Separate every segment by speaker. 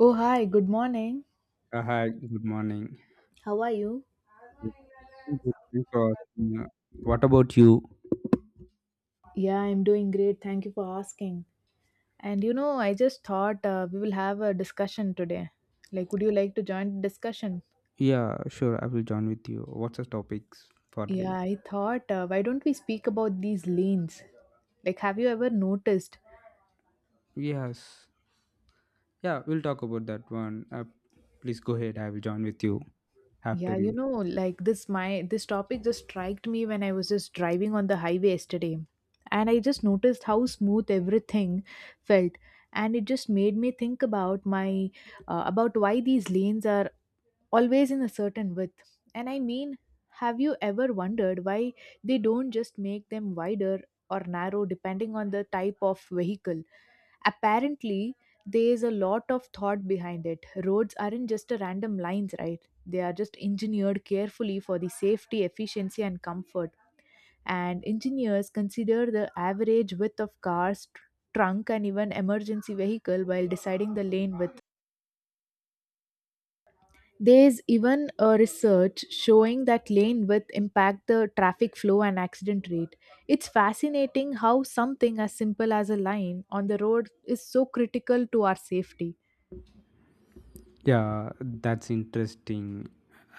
Speaker 1: Oh, hi, good morning.
Speaker 2: Hi, good morning.
Speaker 1: How are you?
Speaker 2: I'm good. Thanks for asking. What about you?
Speaker 1: Yeah, I'm doing great. Thank you for asking. And I just thought we will have a discussion today. Like, would you like to join the discussion?
Speaker 2: Yeah, sure, I will join with you. What's the topics for
Speaker 1: Yeah,
Speaker 2: today?
Speaker 1: I thought, why don't we speak about these lanes? Like, have you ever noticed?
Speaker 2: Yes. Yeah, we'll talk about that one. Please go ahead. I will join with you after
Speaker 1: Yeah,
Speaker 2: you.
Speaker 1: like this topic just struck me when I was just driving on the highway yesterday. And I just noticed how smooth everything felt. And it just made me think about my about why these lanes are always in a certain width. And I mean, have you ever wondered why they don't just make them wider or narrow depending on the type of vehicle? Apparently, there is a lot of thought behind it. Roads aren't just a random lines, right? They are just engineered carefully for the safety, efficiency, and comfort. And engineers consider the average width of cars, trunk, and even emergency vehicle while deciding the lane width. There's even a research showing that lane width impact the traffic flow and accident rate. It's fascinating how something as simple as a line on the road is so critical to our safety.
Speaker 2: Yeah, that's interesting.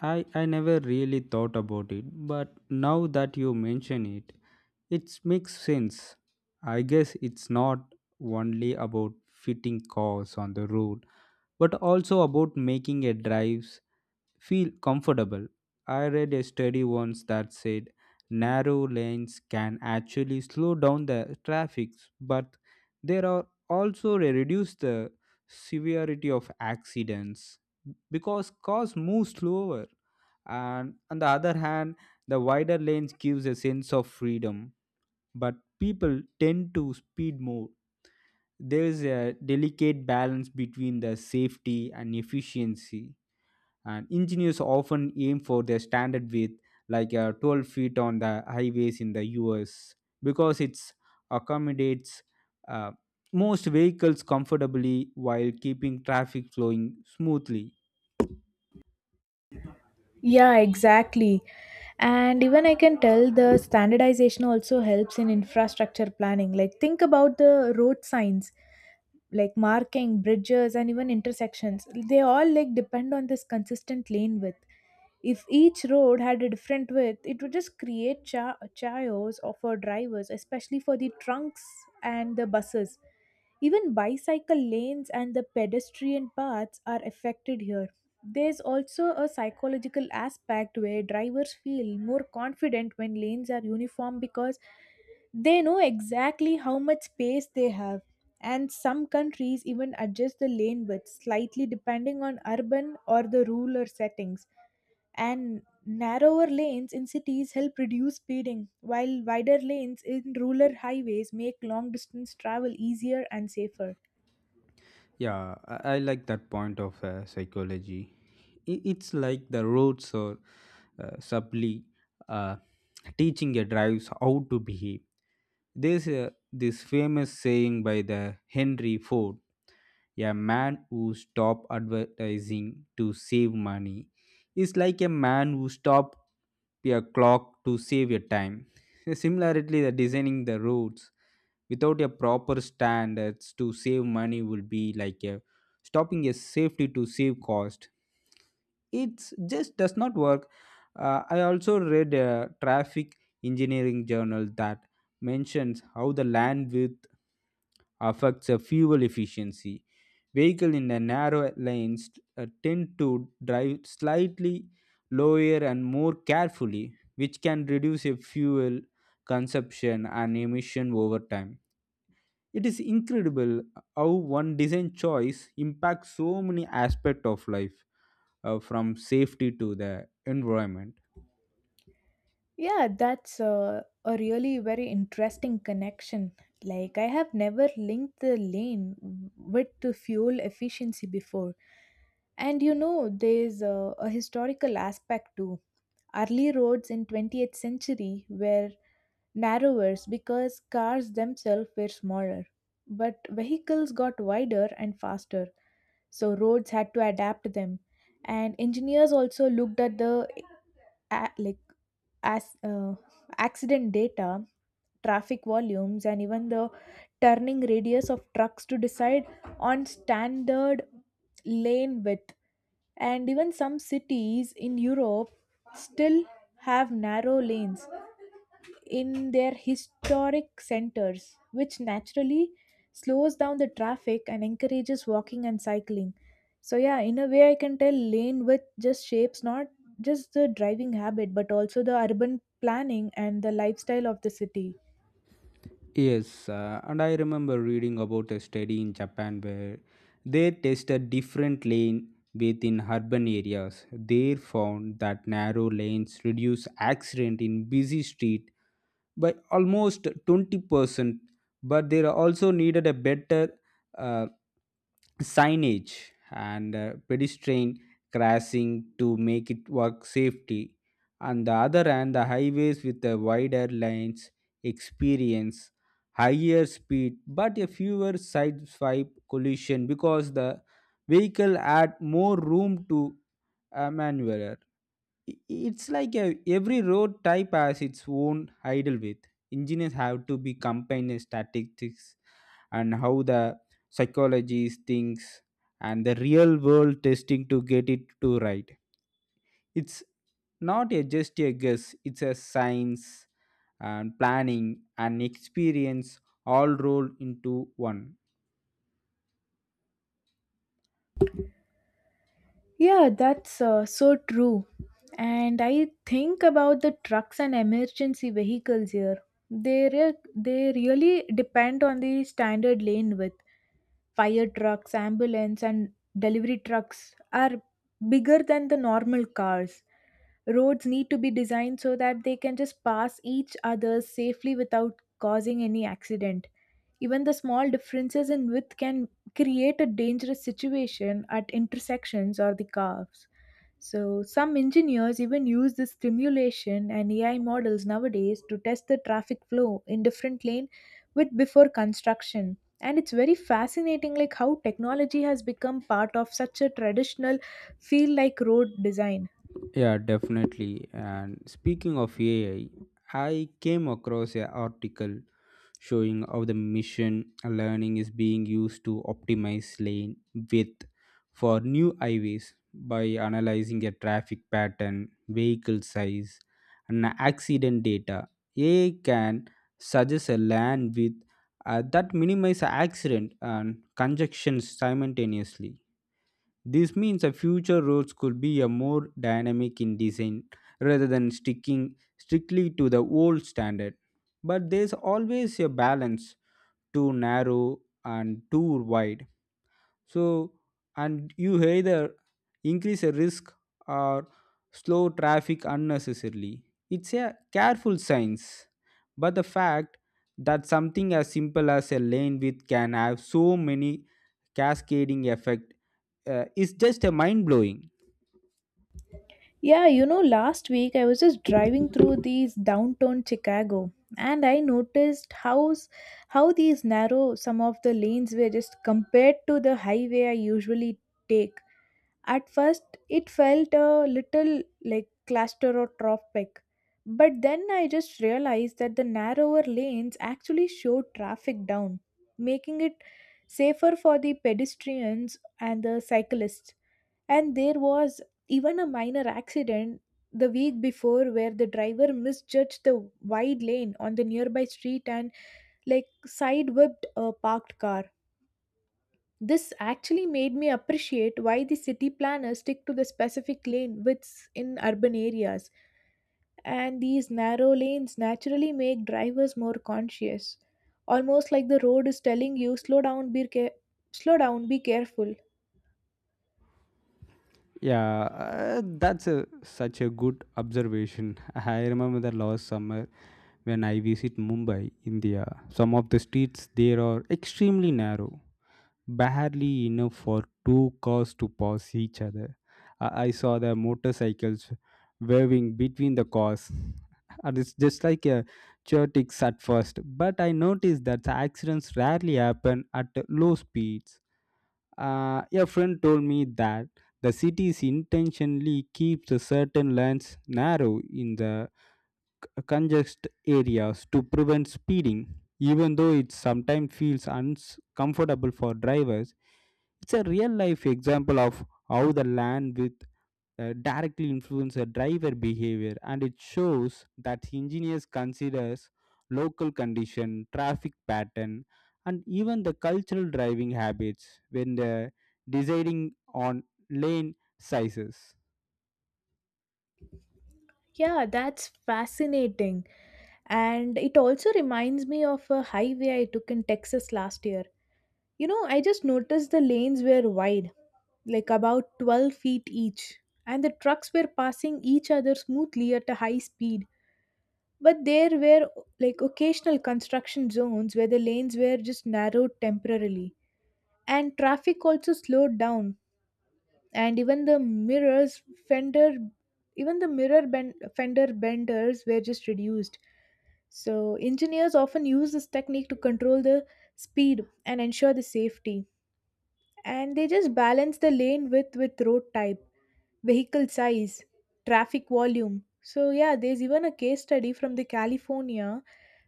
Speaker 2: I never really thought about it, but now that you mention it, it makes sense. I guess it's not only about fitting cars on the road, but also about making a drive feel comfortable. I read a study once that said narrow lanes can actually slow down the traffic, but there are also they reduce the severity of accidents because cars move slower. And on the other hand, the wider lanes gives a sense of freedom, but people tend to speed more. There is a delicate balance between the safety and efficiency and engineers often aim for their standard width like 12 feet on the highways in the US because it accommodates uh, most vehicles comfortably while keeping traffic flowing smoothly.
Speaker 1: Yeah, exactly. And even I can tell the standardization also helps in infrastructure planning. Like, think about the road signs, like marking bridges and even intersections. They all like depend on this consistent lane width. If each road had a different width, it would just create chaos or for drivers, especially for the trunks and the buses. Even bicycle lanes and the pedestrian paths are affected here. There's also a psychological aspect where drivers feel more confident when lanes are uniform, because they know exactly how much space they have. And some countries even adjust the lane width slightly depending on urban or the rural settings, and narrower lanes in cities help reduce speeding while wider lanes in rural highways make long distance travel easier and safer.
Speaker 2: Yeah, I like that point of psychology. It's like the roads are subtly uh, teaching your drives how to behave. There's this famous saying by the Henry Ford: a man who stopped advertising to save money is like a man who stopped a clock to save your time. Similarly, the designing the roads without a proper standards to save money would be like a stopping a safety to save cost. It's just does not work. I also read a traffic engineering journal that mentions how the land width affects the fuel efficiency. Vehicle in the narrow lanes tend to drive slightly lower and more carefully, which can reduce a fuel consumption and emission over time. It is incredible how one design choice impacts so many aspects of life, from safety to the environment.
Speaker 1: Yeah, that's a really very interesting connection. Like I have never linked the with the fuel efficiency before. And you know, there's a historical aspect too. Early roads in 20th century were narrower because cars themselves were smaller, but vehicles got wider and faster, so roads had to adapt them. And engineers also looked at the a- like as accident data, traffic volumes, and even the turning radius of trucks to decide on standard lane width. And even some cities in Europe still have narrow lanes in their historic centers, which naturally slows down the traffic and encourages walking and cycling. So, yeah, in a way, I can tell lane width just shapes not just the driving habit but also the urban planning and the lifestyle of the city.
Speaker 2: Yes, and I remember reading about a study in Japan where they tested different lane within urban areas. They found that narrow lanes reduce accident in busy street by almost 20%, but there are also needed a better uh, signage and pedestrian crossing to make it work safety. On the other hand, the highways with the wider lanes experience higher speed but a fewer side swipe collision because the vehicle had more room to maneuver. It's like every road type has its own idle width. Engineers have to be combined statistics and how the psychology thinks and the real world testing to get it to right. It's not just a guess. It's a science and planning and experience all rolled into one.
Speaker 1: Yeah, that's so true. And I think about the trucks and emergency vehicles here. They re- they really depend on the standard lane width. Fire trucks, ambulance, and delivery trucks are bigger than the normal cars. Roads need to be designed so that they can just pass each other safely without causing any accident. Even the small differences in width can create a dangerous situation at intersections or the curves. So, some engineers even use this simulation and AI models nowadays to test the traffic flow in different lane with before construction. And it's very fascinating like how technology has become part of such a traditional feel like road design.
Speaker 2: Yeah, definitely. And speaking of AI, I came across a article showing how the mission learning is being used to optimize lane width for new highways by analyzing a traffic pattern, vehicle size, and accident data. AI can suggest a lane width that minimizes accident and congestion simultaneously. This means a future roads could be a more dynamic in design rather than sticking strictly to the old standard. But there's always a balance too narrow and too wide. So and you either increase a risk or slow traffic unnecessarily. It's a careful science. But the fact that something as simple as a lane width can have so many cascading effect is just a mind blowing.
Speaker 1: Yeah, you know, last week I was just driving through these downtown Chicago, and I noticed how these narrow some of the lanes were just compared to the highway I usually take. At first, it felt a little like claustrophobic, but then I just realized that the narrower lanes actually slowed traffic down, making it safer for the pedestrians and the cyclists. And there was even a minor accident the week before where the driver misjudged the wide lane on the nearby street and like side whipped a parked car. This actually made me appreciate why the city planners stick to the specific lane widths in urban areas, and these narrow lanes naturally make drivers more conscious. Almost like the road is telling you, slow down, slow down, be careful.
Speaker 2: Yeah, that's such a good observation. I remember the last summer when I visit Mumbai, India. Some of the streets there are extremely narrow, barely enough for two cars to pass each other. I saw the motorcycles waving between the cars. And it's just like a chaotic at first, but I noticed that the accidents rarely happen at low speeds. A friend told me that the cities intentionally keeps the certain lanes narrow in the congest areas to prevent speeding. Even though it sometimes feels uncomfortable for drivers, it's a real life example of how the land with directly influence a driver behavior, and it shows that engineers considers local condition traffic pattern and even the cultural driving habits when they're deciding on lane sizes.
Speaker 1: Yeah, that's fascinating. And it also reminds me of a highway I took in Texas last year. You know, I just noticed the lanes were wide, like about 12 feet each, and the trucks were passing each other smoothly at a high speed. But there were like occasional construction zones where the lanes were just narrowed temporarily, and traffic also slowed down. And even fender, even the mirror bend, fender benders were just reduced. So, engineers often use this technique to control the speed and ensure the safety. And they just balance the lane width with road type, vehicle size, traffic volume. So yeah, there's even a case study from the California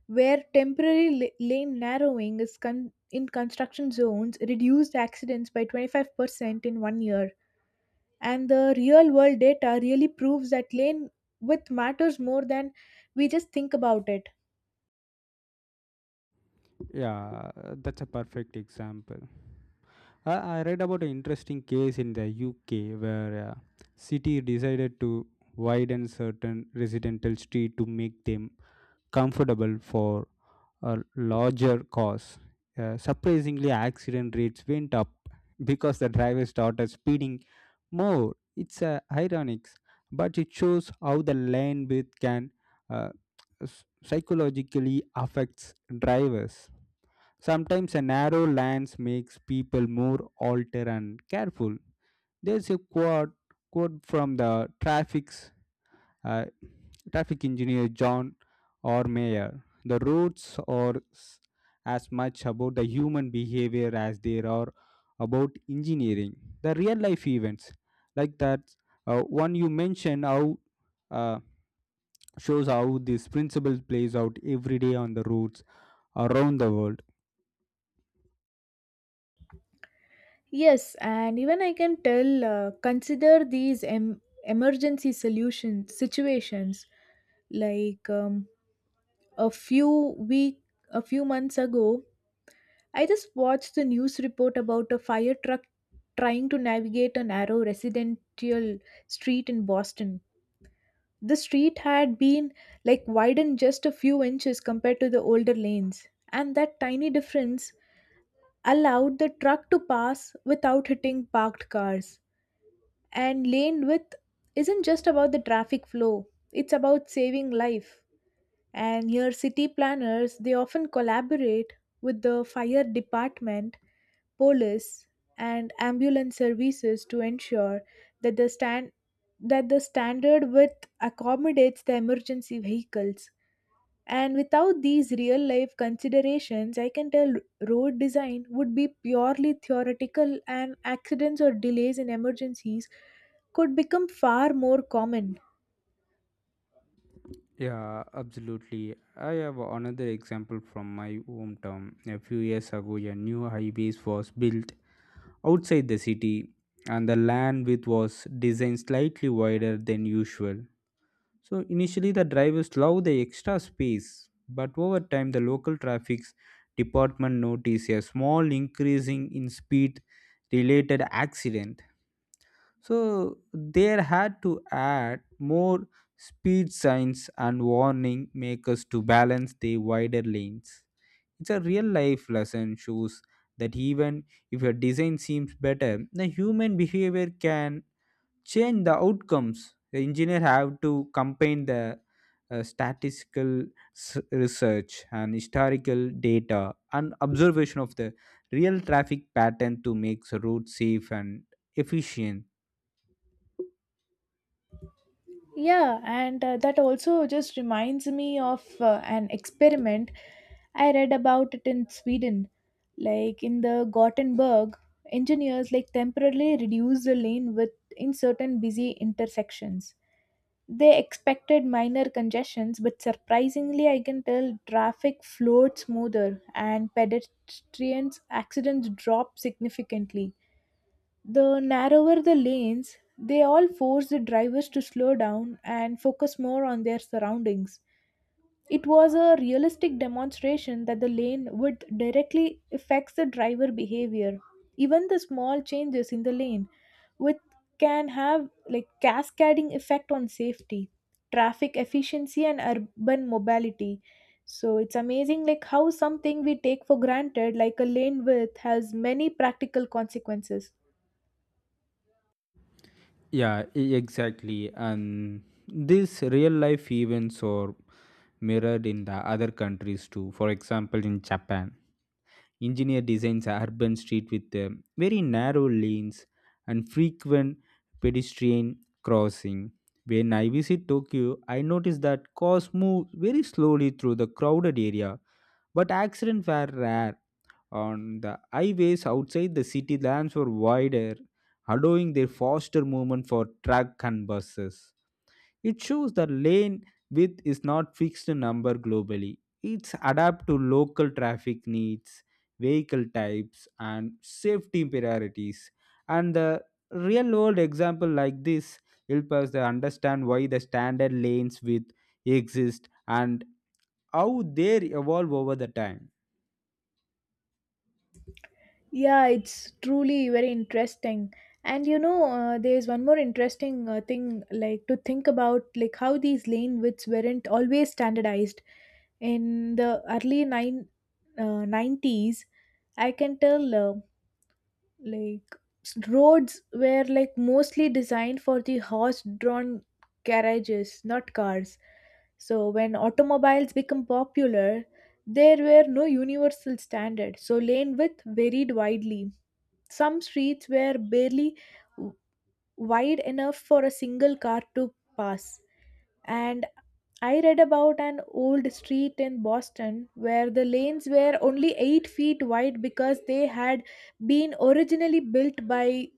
Speaker 1: where temporary lane narrowing in construction zones reduced accidents by 25% in one year. And the real world data really proves that lane width matters more than we just think about it.
Speaker 2: Yeah, that's a perfect example. I read about an interesting case in the UK where a city decided to widen certain residential street to make them comfortable for a larger cause. Surprisingly, accident rates went up because the driver started speeding more. It's ironic, but it shows how the lane width can uh, psychologically affects drivers. Sometimes a narrow lens makes people more alert and careful. There's a quote from the traffic uh, traffic engineer John or Mayer. The roads are as much about the human behavior as they are about engineering. The real life events, like that one you mentioned, how uh, shows how this principle plays out every day on the roads around the world.
Speaker 1: Yes, and even I can tell, consider these emergency solution situations, like a few week a few months ago. I just watched the news report about a fire truck trying to navigate a narrow residential street in Boston. The street had been like widened just a few inches compared to the older lanes, and that tiny difference allowed the truck to pass without hitting parked cars. And lane width isn't just about the traffic flow, it's about saving life. And here, city planners they often collaborate with the fire department, police, and ambulance services to ensure that the stand that the standard width accommodates the emergency vehicles. And without these real life considerations, I can tell road design would be purely theoretical, and accidents or delays in emergencies could become far more common.
Speaker 2: Yeah, absolutely. I have another example from my hometown. A few years ago, a new highway was built outside the city, and the land width was designed slightly wider than usual. So initially the drivers loved the extra space, but over time the local traffic department noticed a small increasing in speed related accident, so there had to add more speed signs and warning makers to balance the wider lanes. It's a real life lesson shows that even if your design seems better, the human behavior can change the outcomes. The engineer have to combine the statistical research and historical data and observation of the real traffic pattern to make the road safe and efficient.
Speaker 1: Yeah, and that also just reminds me of an experiment I read about it in Sweden. Like in the Gothenburg, engineers like temporarily reduced the lane width in certain busy intersections. They expected minor congestions, but surprisingly, I can tell traffic flowed smoother and pedestrians' accidents dropped significantly. The narrower the lanes, they all force the drivers to slow down and focus more on their surroundings. It was a realistic demonstration that the lane width directly affects the driver behavior. Even the small changes in the lane width can have like cascading effect on safety, traffic efficiency and urban mobility. So it's amazing like how something we take for granted like a lane width has many practical consequences.
Speaker 2: Yeah, exactly. And these real life events are mirrored in the other countries too. For example, in Japan, engineer designs a urban street with very narrow lanes and frequent pedestrian crossing. When I visit Tokyo, I notice that cars move very slowly through the crowded area, but accidents were rare. On the highways outside the city, lanes were wider, allowing their faster movement for truck and buses. It shows the lane width is not fixed number globally. It's adapt to local traffic needs, vehicle types, and safety priorities. And the real world example like this help us to understand why the standard lanes width exist and how they evolve over the time.
Speaker 1: Yeah, it's truly very interesting. And you know, there's one more interesting thing like to think about, like how these lane widths weren't always standardized. In the early 90s, I can tell like roads were like mostly designed for the horse-drawn carriages, not cars. So when automobiles become popular, there were no universal standard. So lane width varied widely. Some streets were barely w- wide enough for a single car to pass. And I read about an old street in Boston where the lanes were only 8 feet wide because they had been originally built by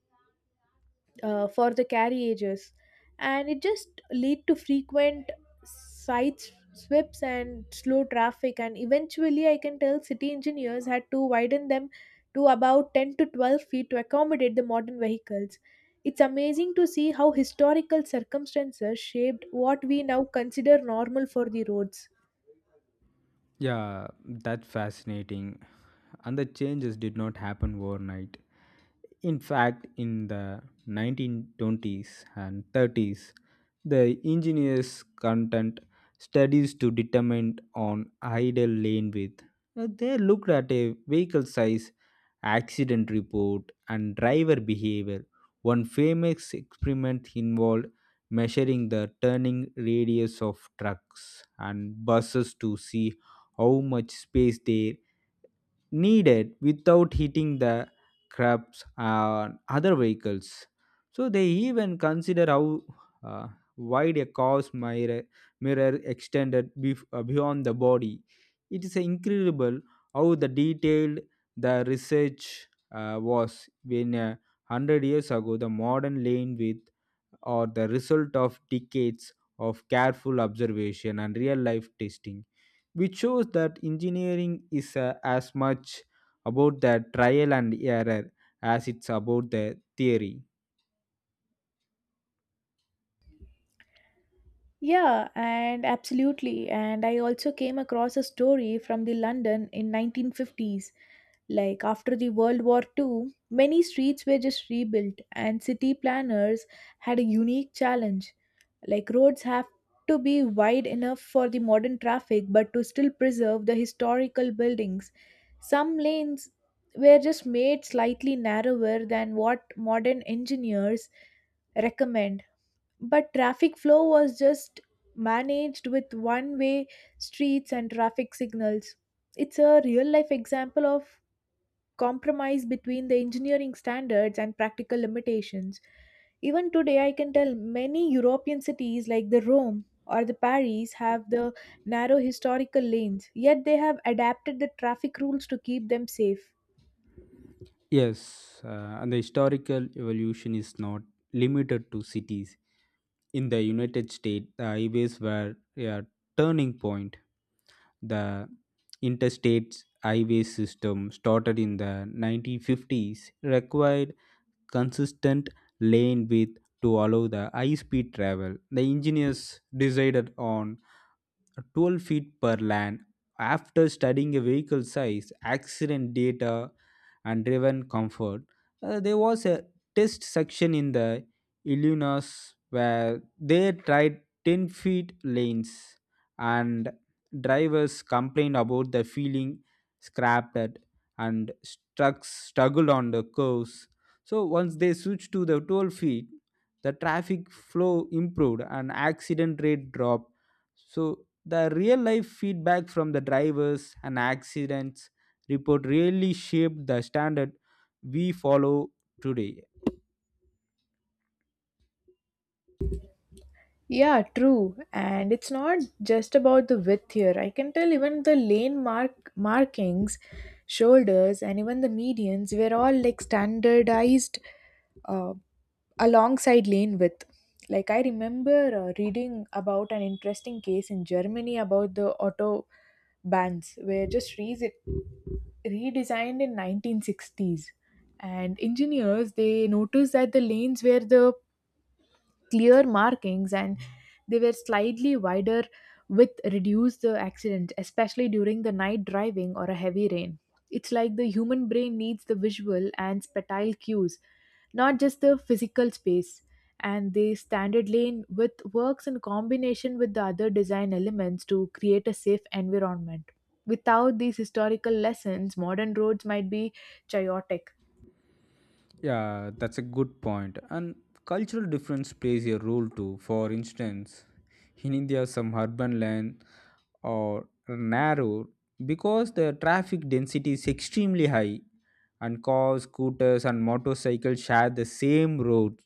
Speaker 1: for the carriages, and it just lead to frequent site sweeps and slow traffic. And eventually, I can tell city engineers had to widen them to about 10 to 12 feet to accommodate the modern vehicles. It's amazing to see how historical circumstances shaped what we now consider normal for the roads.
Speaker 2: Yeah, that's fascinating. And the changes did not happen overnight. In fact, in the 1920s and 30s, the engineers content studies to determine on ideal lane width. They looked at a vehicle size, accident report, and driver behavior. One famous experiment involved measuring the turning radius of trucks and buses to see how much space they needed without hitting the crabs and other vehicles. So they even consider how uh, wide a car's mirror extended beyond the body. It is incredible how the detailed the research was when 100 years ago the modern lane width or the result of decades of careful observation and real life testing, which shows that engineering is as much about the trial and error as it's about the theory.
Speaker 1: Yeah, and absolutely. And I also came across a story from the London in 1950s. Like after the World War Two, many streets were just rebuilt and city planners had a unique challenge. Like roads have to be wide enough for the modern traffic but to still preserve the historical buildings. Some lanes were just made slightly narrower than what modern engineers recommend, but traffic flow was just managed with one way streets and traffic signals. It's a real life example of compromise between the engineering standards and practical limitations. Even today, I can tell many european cities like the Rome or the Paris have the narrow historical lanes, yet they have adapted the traffic rules to keep them safe.
Speaker 2: Yes, and the historical evolution is not limited to cities. In the United States, the highways were a turning point. The interstate highway system started in the 1950s, required consistent lane width to allow the high speed travel. The engineers decided on 12 feet per lane after studying a vehicle size, accident data, and driven comfort. There was a test section in the Illinois where they tried 10 feet lanes, and drivers complained about the feeling scrapped at and struggled on the curves. So once they switched to the 12 feet, the traffic flow improved and accident rate dropped, so the real life feedback from the drivers and accidents report really shaped the standard we follow today.
Speaker 1: Yeah, true. And it's not just about the width here. I can tell even the lane mark markings, shoulders, and even the medians were all like standardized uh, alongside lane width. Like I remember reading about an interesting case in Germany about the auto bans were just redesigned in 1960s, and engineers they noticed that the lanes where the clear markings and they were slightly wider with reduced the accident, especially during the night driving or a heavy rain. It's like the human brain needs the visual and spatial cues, not just the physical space, and the standard lane width works in combination with the other design elements to create a safe environment. Without these historical lessons, modern roads might be chaotic.
Speaker 2: Yeah, that's a good point. And cultural difference plays a role too. For instance, in India, some urban land are narrow because the traffic density is extremely high, and cars, scooters, and motorcycles share the same road.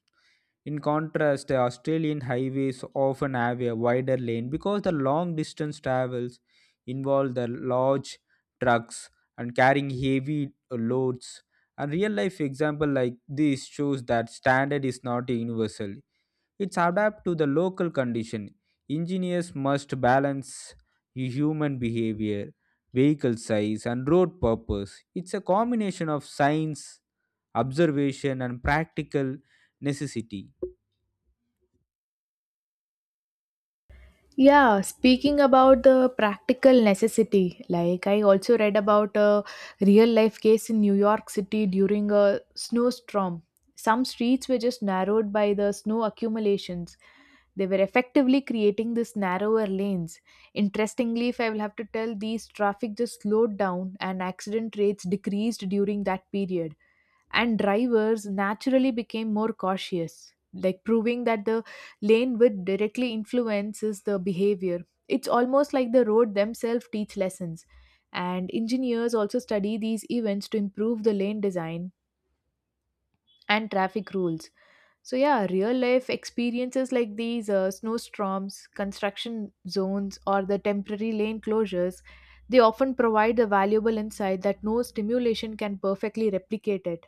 Speaker 2: In contrast, Australian highways often have a wider lane because the long distance travels involve the large trucks and carrying heavy loads. And real life example like this shows that standard is not universal. It's adapt to the local condition. Engineers must balance human behavior, vehicle size, and road purpose. It's a combination of science, observation, and practical necessity.
Speaker 1: Yeah, speaking about the practical necessity, like I also read about a real life case in New York City during a snowstorm. Some streets were just narrowed by the snow accumulations. They were effectively creating these narrower lanes. Interestingly, if I will have to tell, these traffic just slowed down and accident rates decreased during that period, and drivers naturally became more cautious, like proving that the lane width directly influences the behavior. It's almost like the road themselves teach lessons. And engineers also study these events to improve the lane design and traffic rules. So, yeah, real life experiences like these snowstorms, construction zones, or the temporary lane closures, they often provide a valuable insight that no stimulation can perfectly replicate it.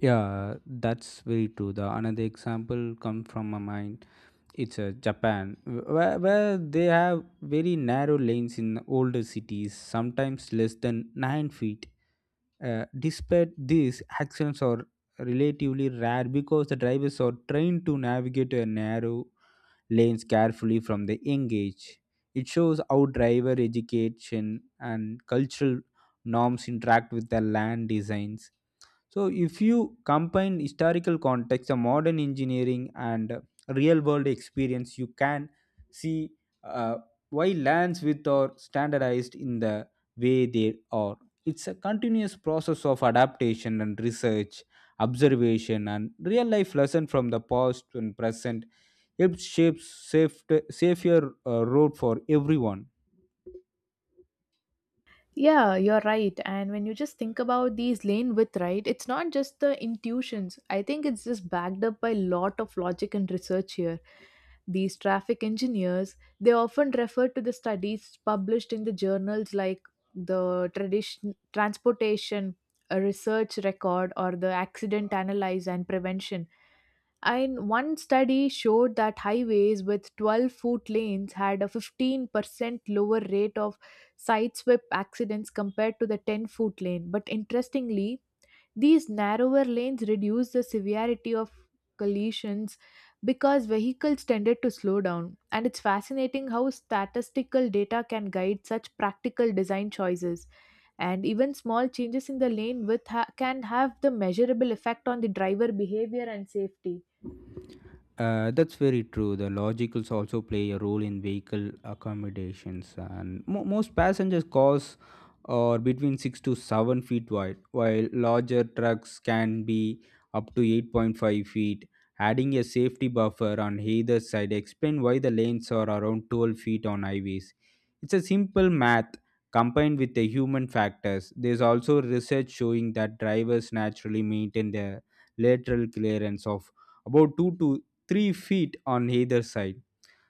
Speaker 2: Yeah, that's very true. The another example come from my mind. It's Japan, where they have very narrow lanes in older cities, sometimes less than 9 feet. Despite this, accidents are relatively rare because the drivers are trained to navigate narrow lanes carefully from the young age. It shows how driver education and cultural norms interact with the land designs. So, if you combine historical context, a modern engineering, and real world experience, you can see uh, why lands with are standardized in the way they are. It's a continuous process of adaptation and research, observation, and real life lesson from the past and present helps shape safer road for everyone.
Speaker 1: Yeah, you're right. And when you just think about these lane width, right, it's not just the intuitions. I think it's just backed up by a lot of logic and research here. These traffic engineers, they often refer to the studies published in the journals like the tradition transportation research record, or the accident analyze and prevention, and one study showed that highways with 12-foot lanes had a 15% lower rate of sideswipe accidents compared to the 10-foot lane. But interestingly, these narrower lanes reduced the severity of collisions because vehicles tended to slow down. And it's fascinating how statistical data can guide such practical design choices. And even small changes in the lane width can have the measurable effect on the driver behavior and safety.
Speaker 2: That's very true. The logicals also play a role in vehicle accommodations, and most passengers cars are between 6 to 7 feet wide, while larger trucks can be up to 8.5 feet. Adding a safety buffer on either side explain why the lanes are around 12 feet on highways. It's a simple math combined with the human factors. There's also research showing that drivers naturally maintain their lateral clearance of about 2 to 3 feet on either side.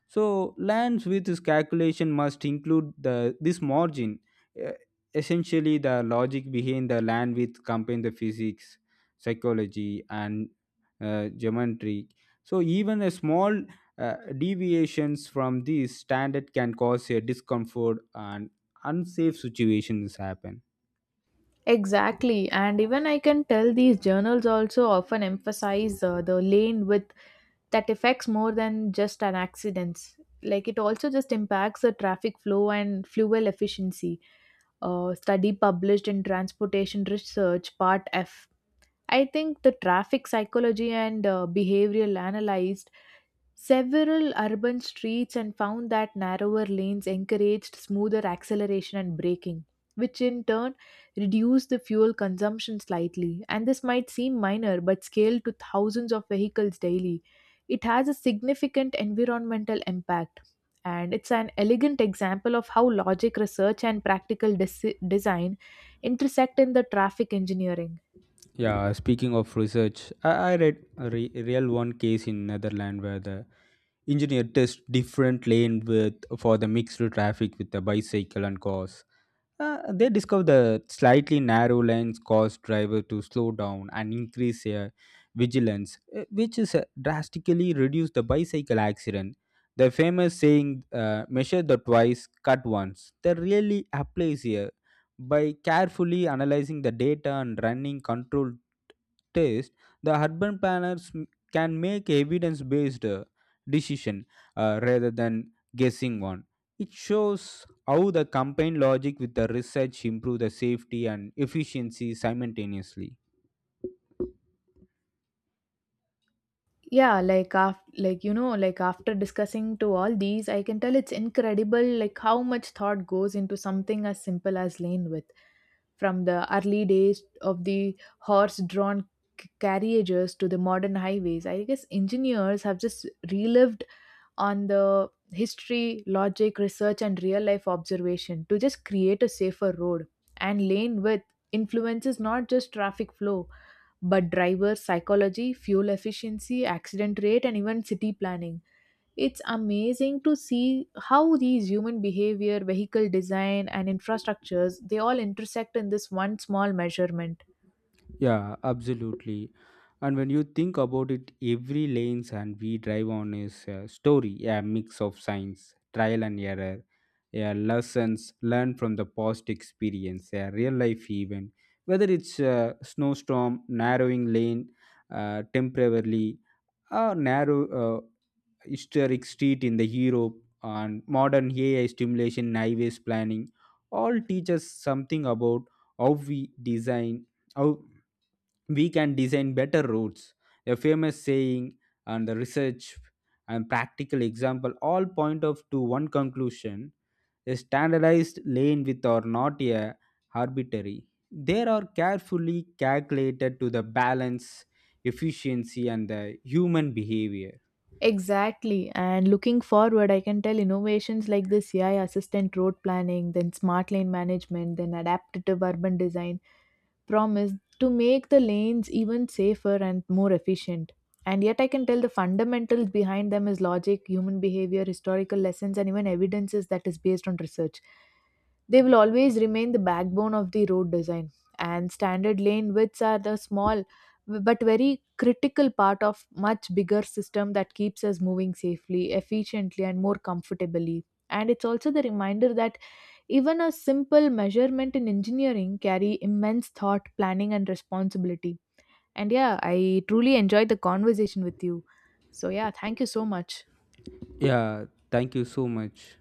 Speaker 2: So lands with this calculation must include the this margin. Uh, Essentially, the logic behind the land width combine the physics, psychology, and geometry. So even a small uh, deviations from this standard can cause a discomfort and unsafe situations happen.
Speaker 1: Exactly, and even I can tell these journals also often emphasize the lane width that affects more than just an accident. Like it also just impacts the traffic flow and fuel efficiency. Study published in Transportation Research Part F. I think the traffic psychology and behavioral analysis several urban streets and found that narrower lanes encouraged smoother acceleration and braking, which in turn reduced the fuel consumption slightly. And this might seem minor, but scaled to thousands of vehicles daily, it has a significant environmental impact. And it's an elegant example of how logic, research, and practical design intersect in the traffic engineering.
Speaker 2: Yeah, speaking of research, I read a real one case in Netherlands where the engineer test different lane with for the mixed traffic with the bicycle and cars. They discover the slightly narrow lanes cause driver to slow down and increase their vigilance, which is drastically reduce the bicycle accident. The famous saying, "Measure the twice, cut once," that really applies here. By carefully analyzing the data and running controlled tests, the urban planners can make evidence-based decision rather than guessing one. It shows how the campaign logic with the research improve the safety and efficiency simultaneously.
Speaker 1: Yeah like after like you know like after discussing to all these, I can tell it's incredible like how much thought goes into something as simple as lane width. From the early days of the horse drawn carriages to the modern highways, I guess engineers have just relived on the history, logic, research, and real life observation to just create a safer road. And lane width influences not just traffic flow, but driver psychology, fuel efficiency, accident rate, and even city planning. It's amazing to see how these human behavior, vehicle design, and infrastructures, they all intersect in this one small measurement.
Speaker 2: Yeah, absolutely. And when you think about it, every lanes and we drive on is a story, a mix of science, trial and error, a lessons learned from the past experience, a real life event. Whether it's a snowstorm, narrowing lane, temporarily, a narrow historic street in the Europe, and modern AI stimulation, in highways planning, all teach us something about how we design. How we can design better routes. A famous saying and the research and practical example all point of to one conclusion. A standardized lane with or not a arbitrary. They are carefully calculated to the balance, efficiency and the human behavior.
Speaker 1: Exactly. And looking forward, I can tell innovations like this AI assistant road planning, then smart lane management, then adaptive urban design. Promise to make the lanes even safer and more efficient. And yet, I can tell the fundamentals behind them is logic, human behavior, historical lessons, and even evidences that is based on research. They will always remain the backbone of the road design, and standard lane widths are the small but very critical part of much bigger system that keeps us moving safely, efficiently, and more comfortably. And it's also the reminder that even a simple measurement in engineering carry immense thought, planning, and responsibility. And yeah, I truly enjoyed the conversation with you. So yeah, thank you so much.
Speaker 2: Yeah, thank you so much.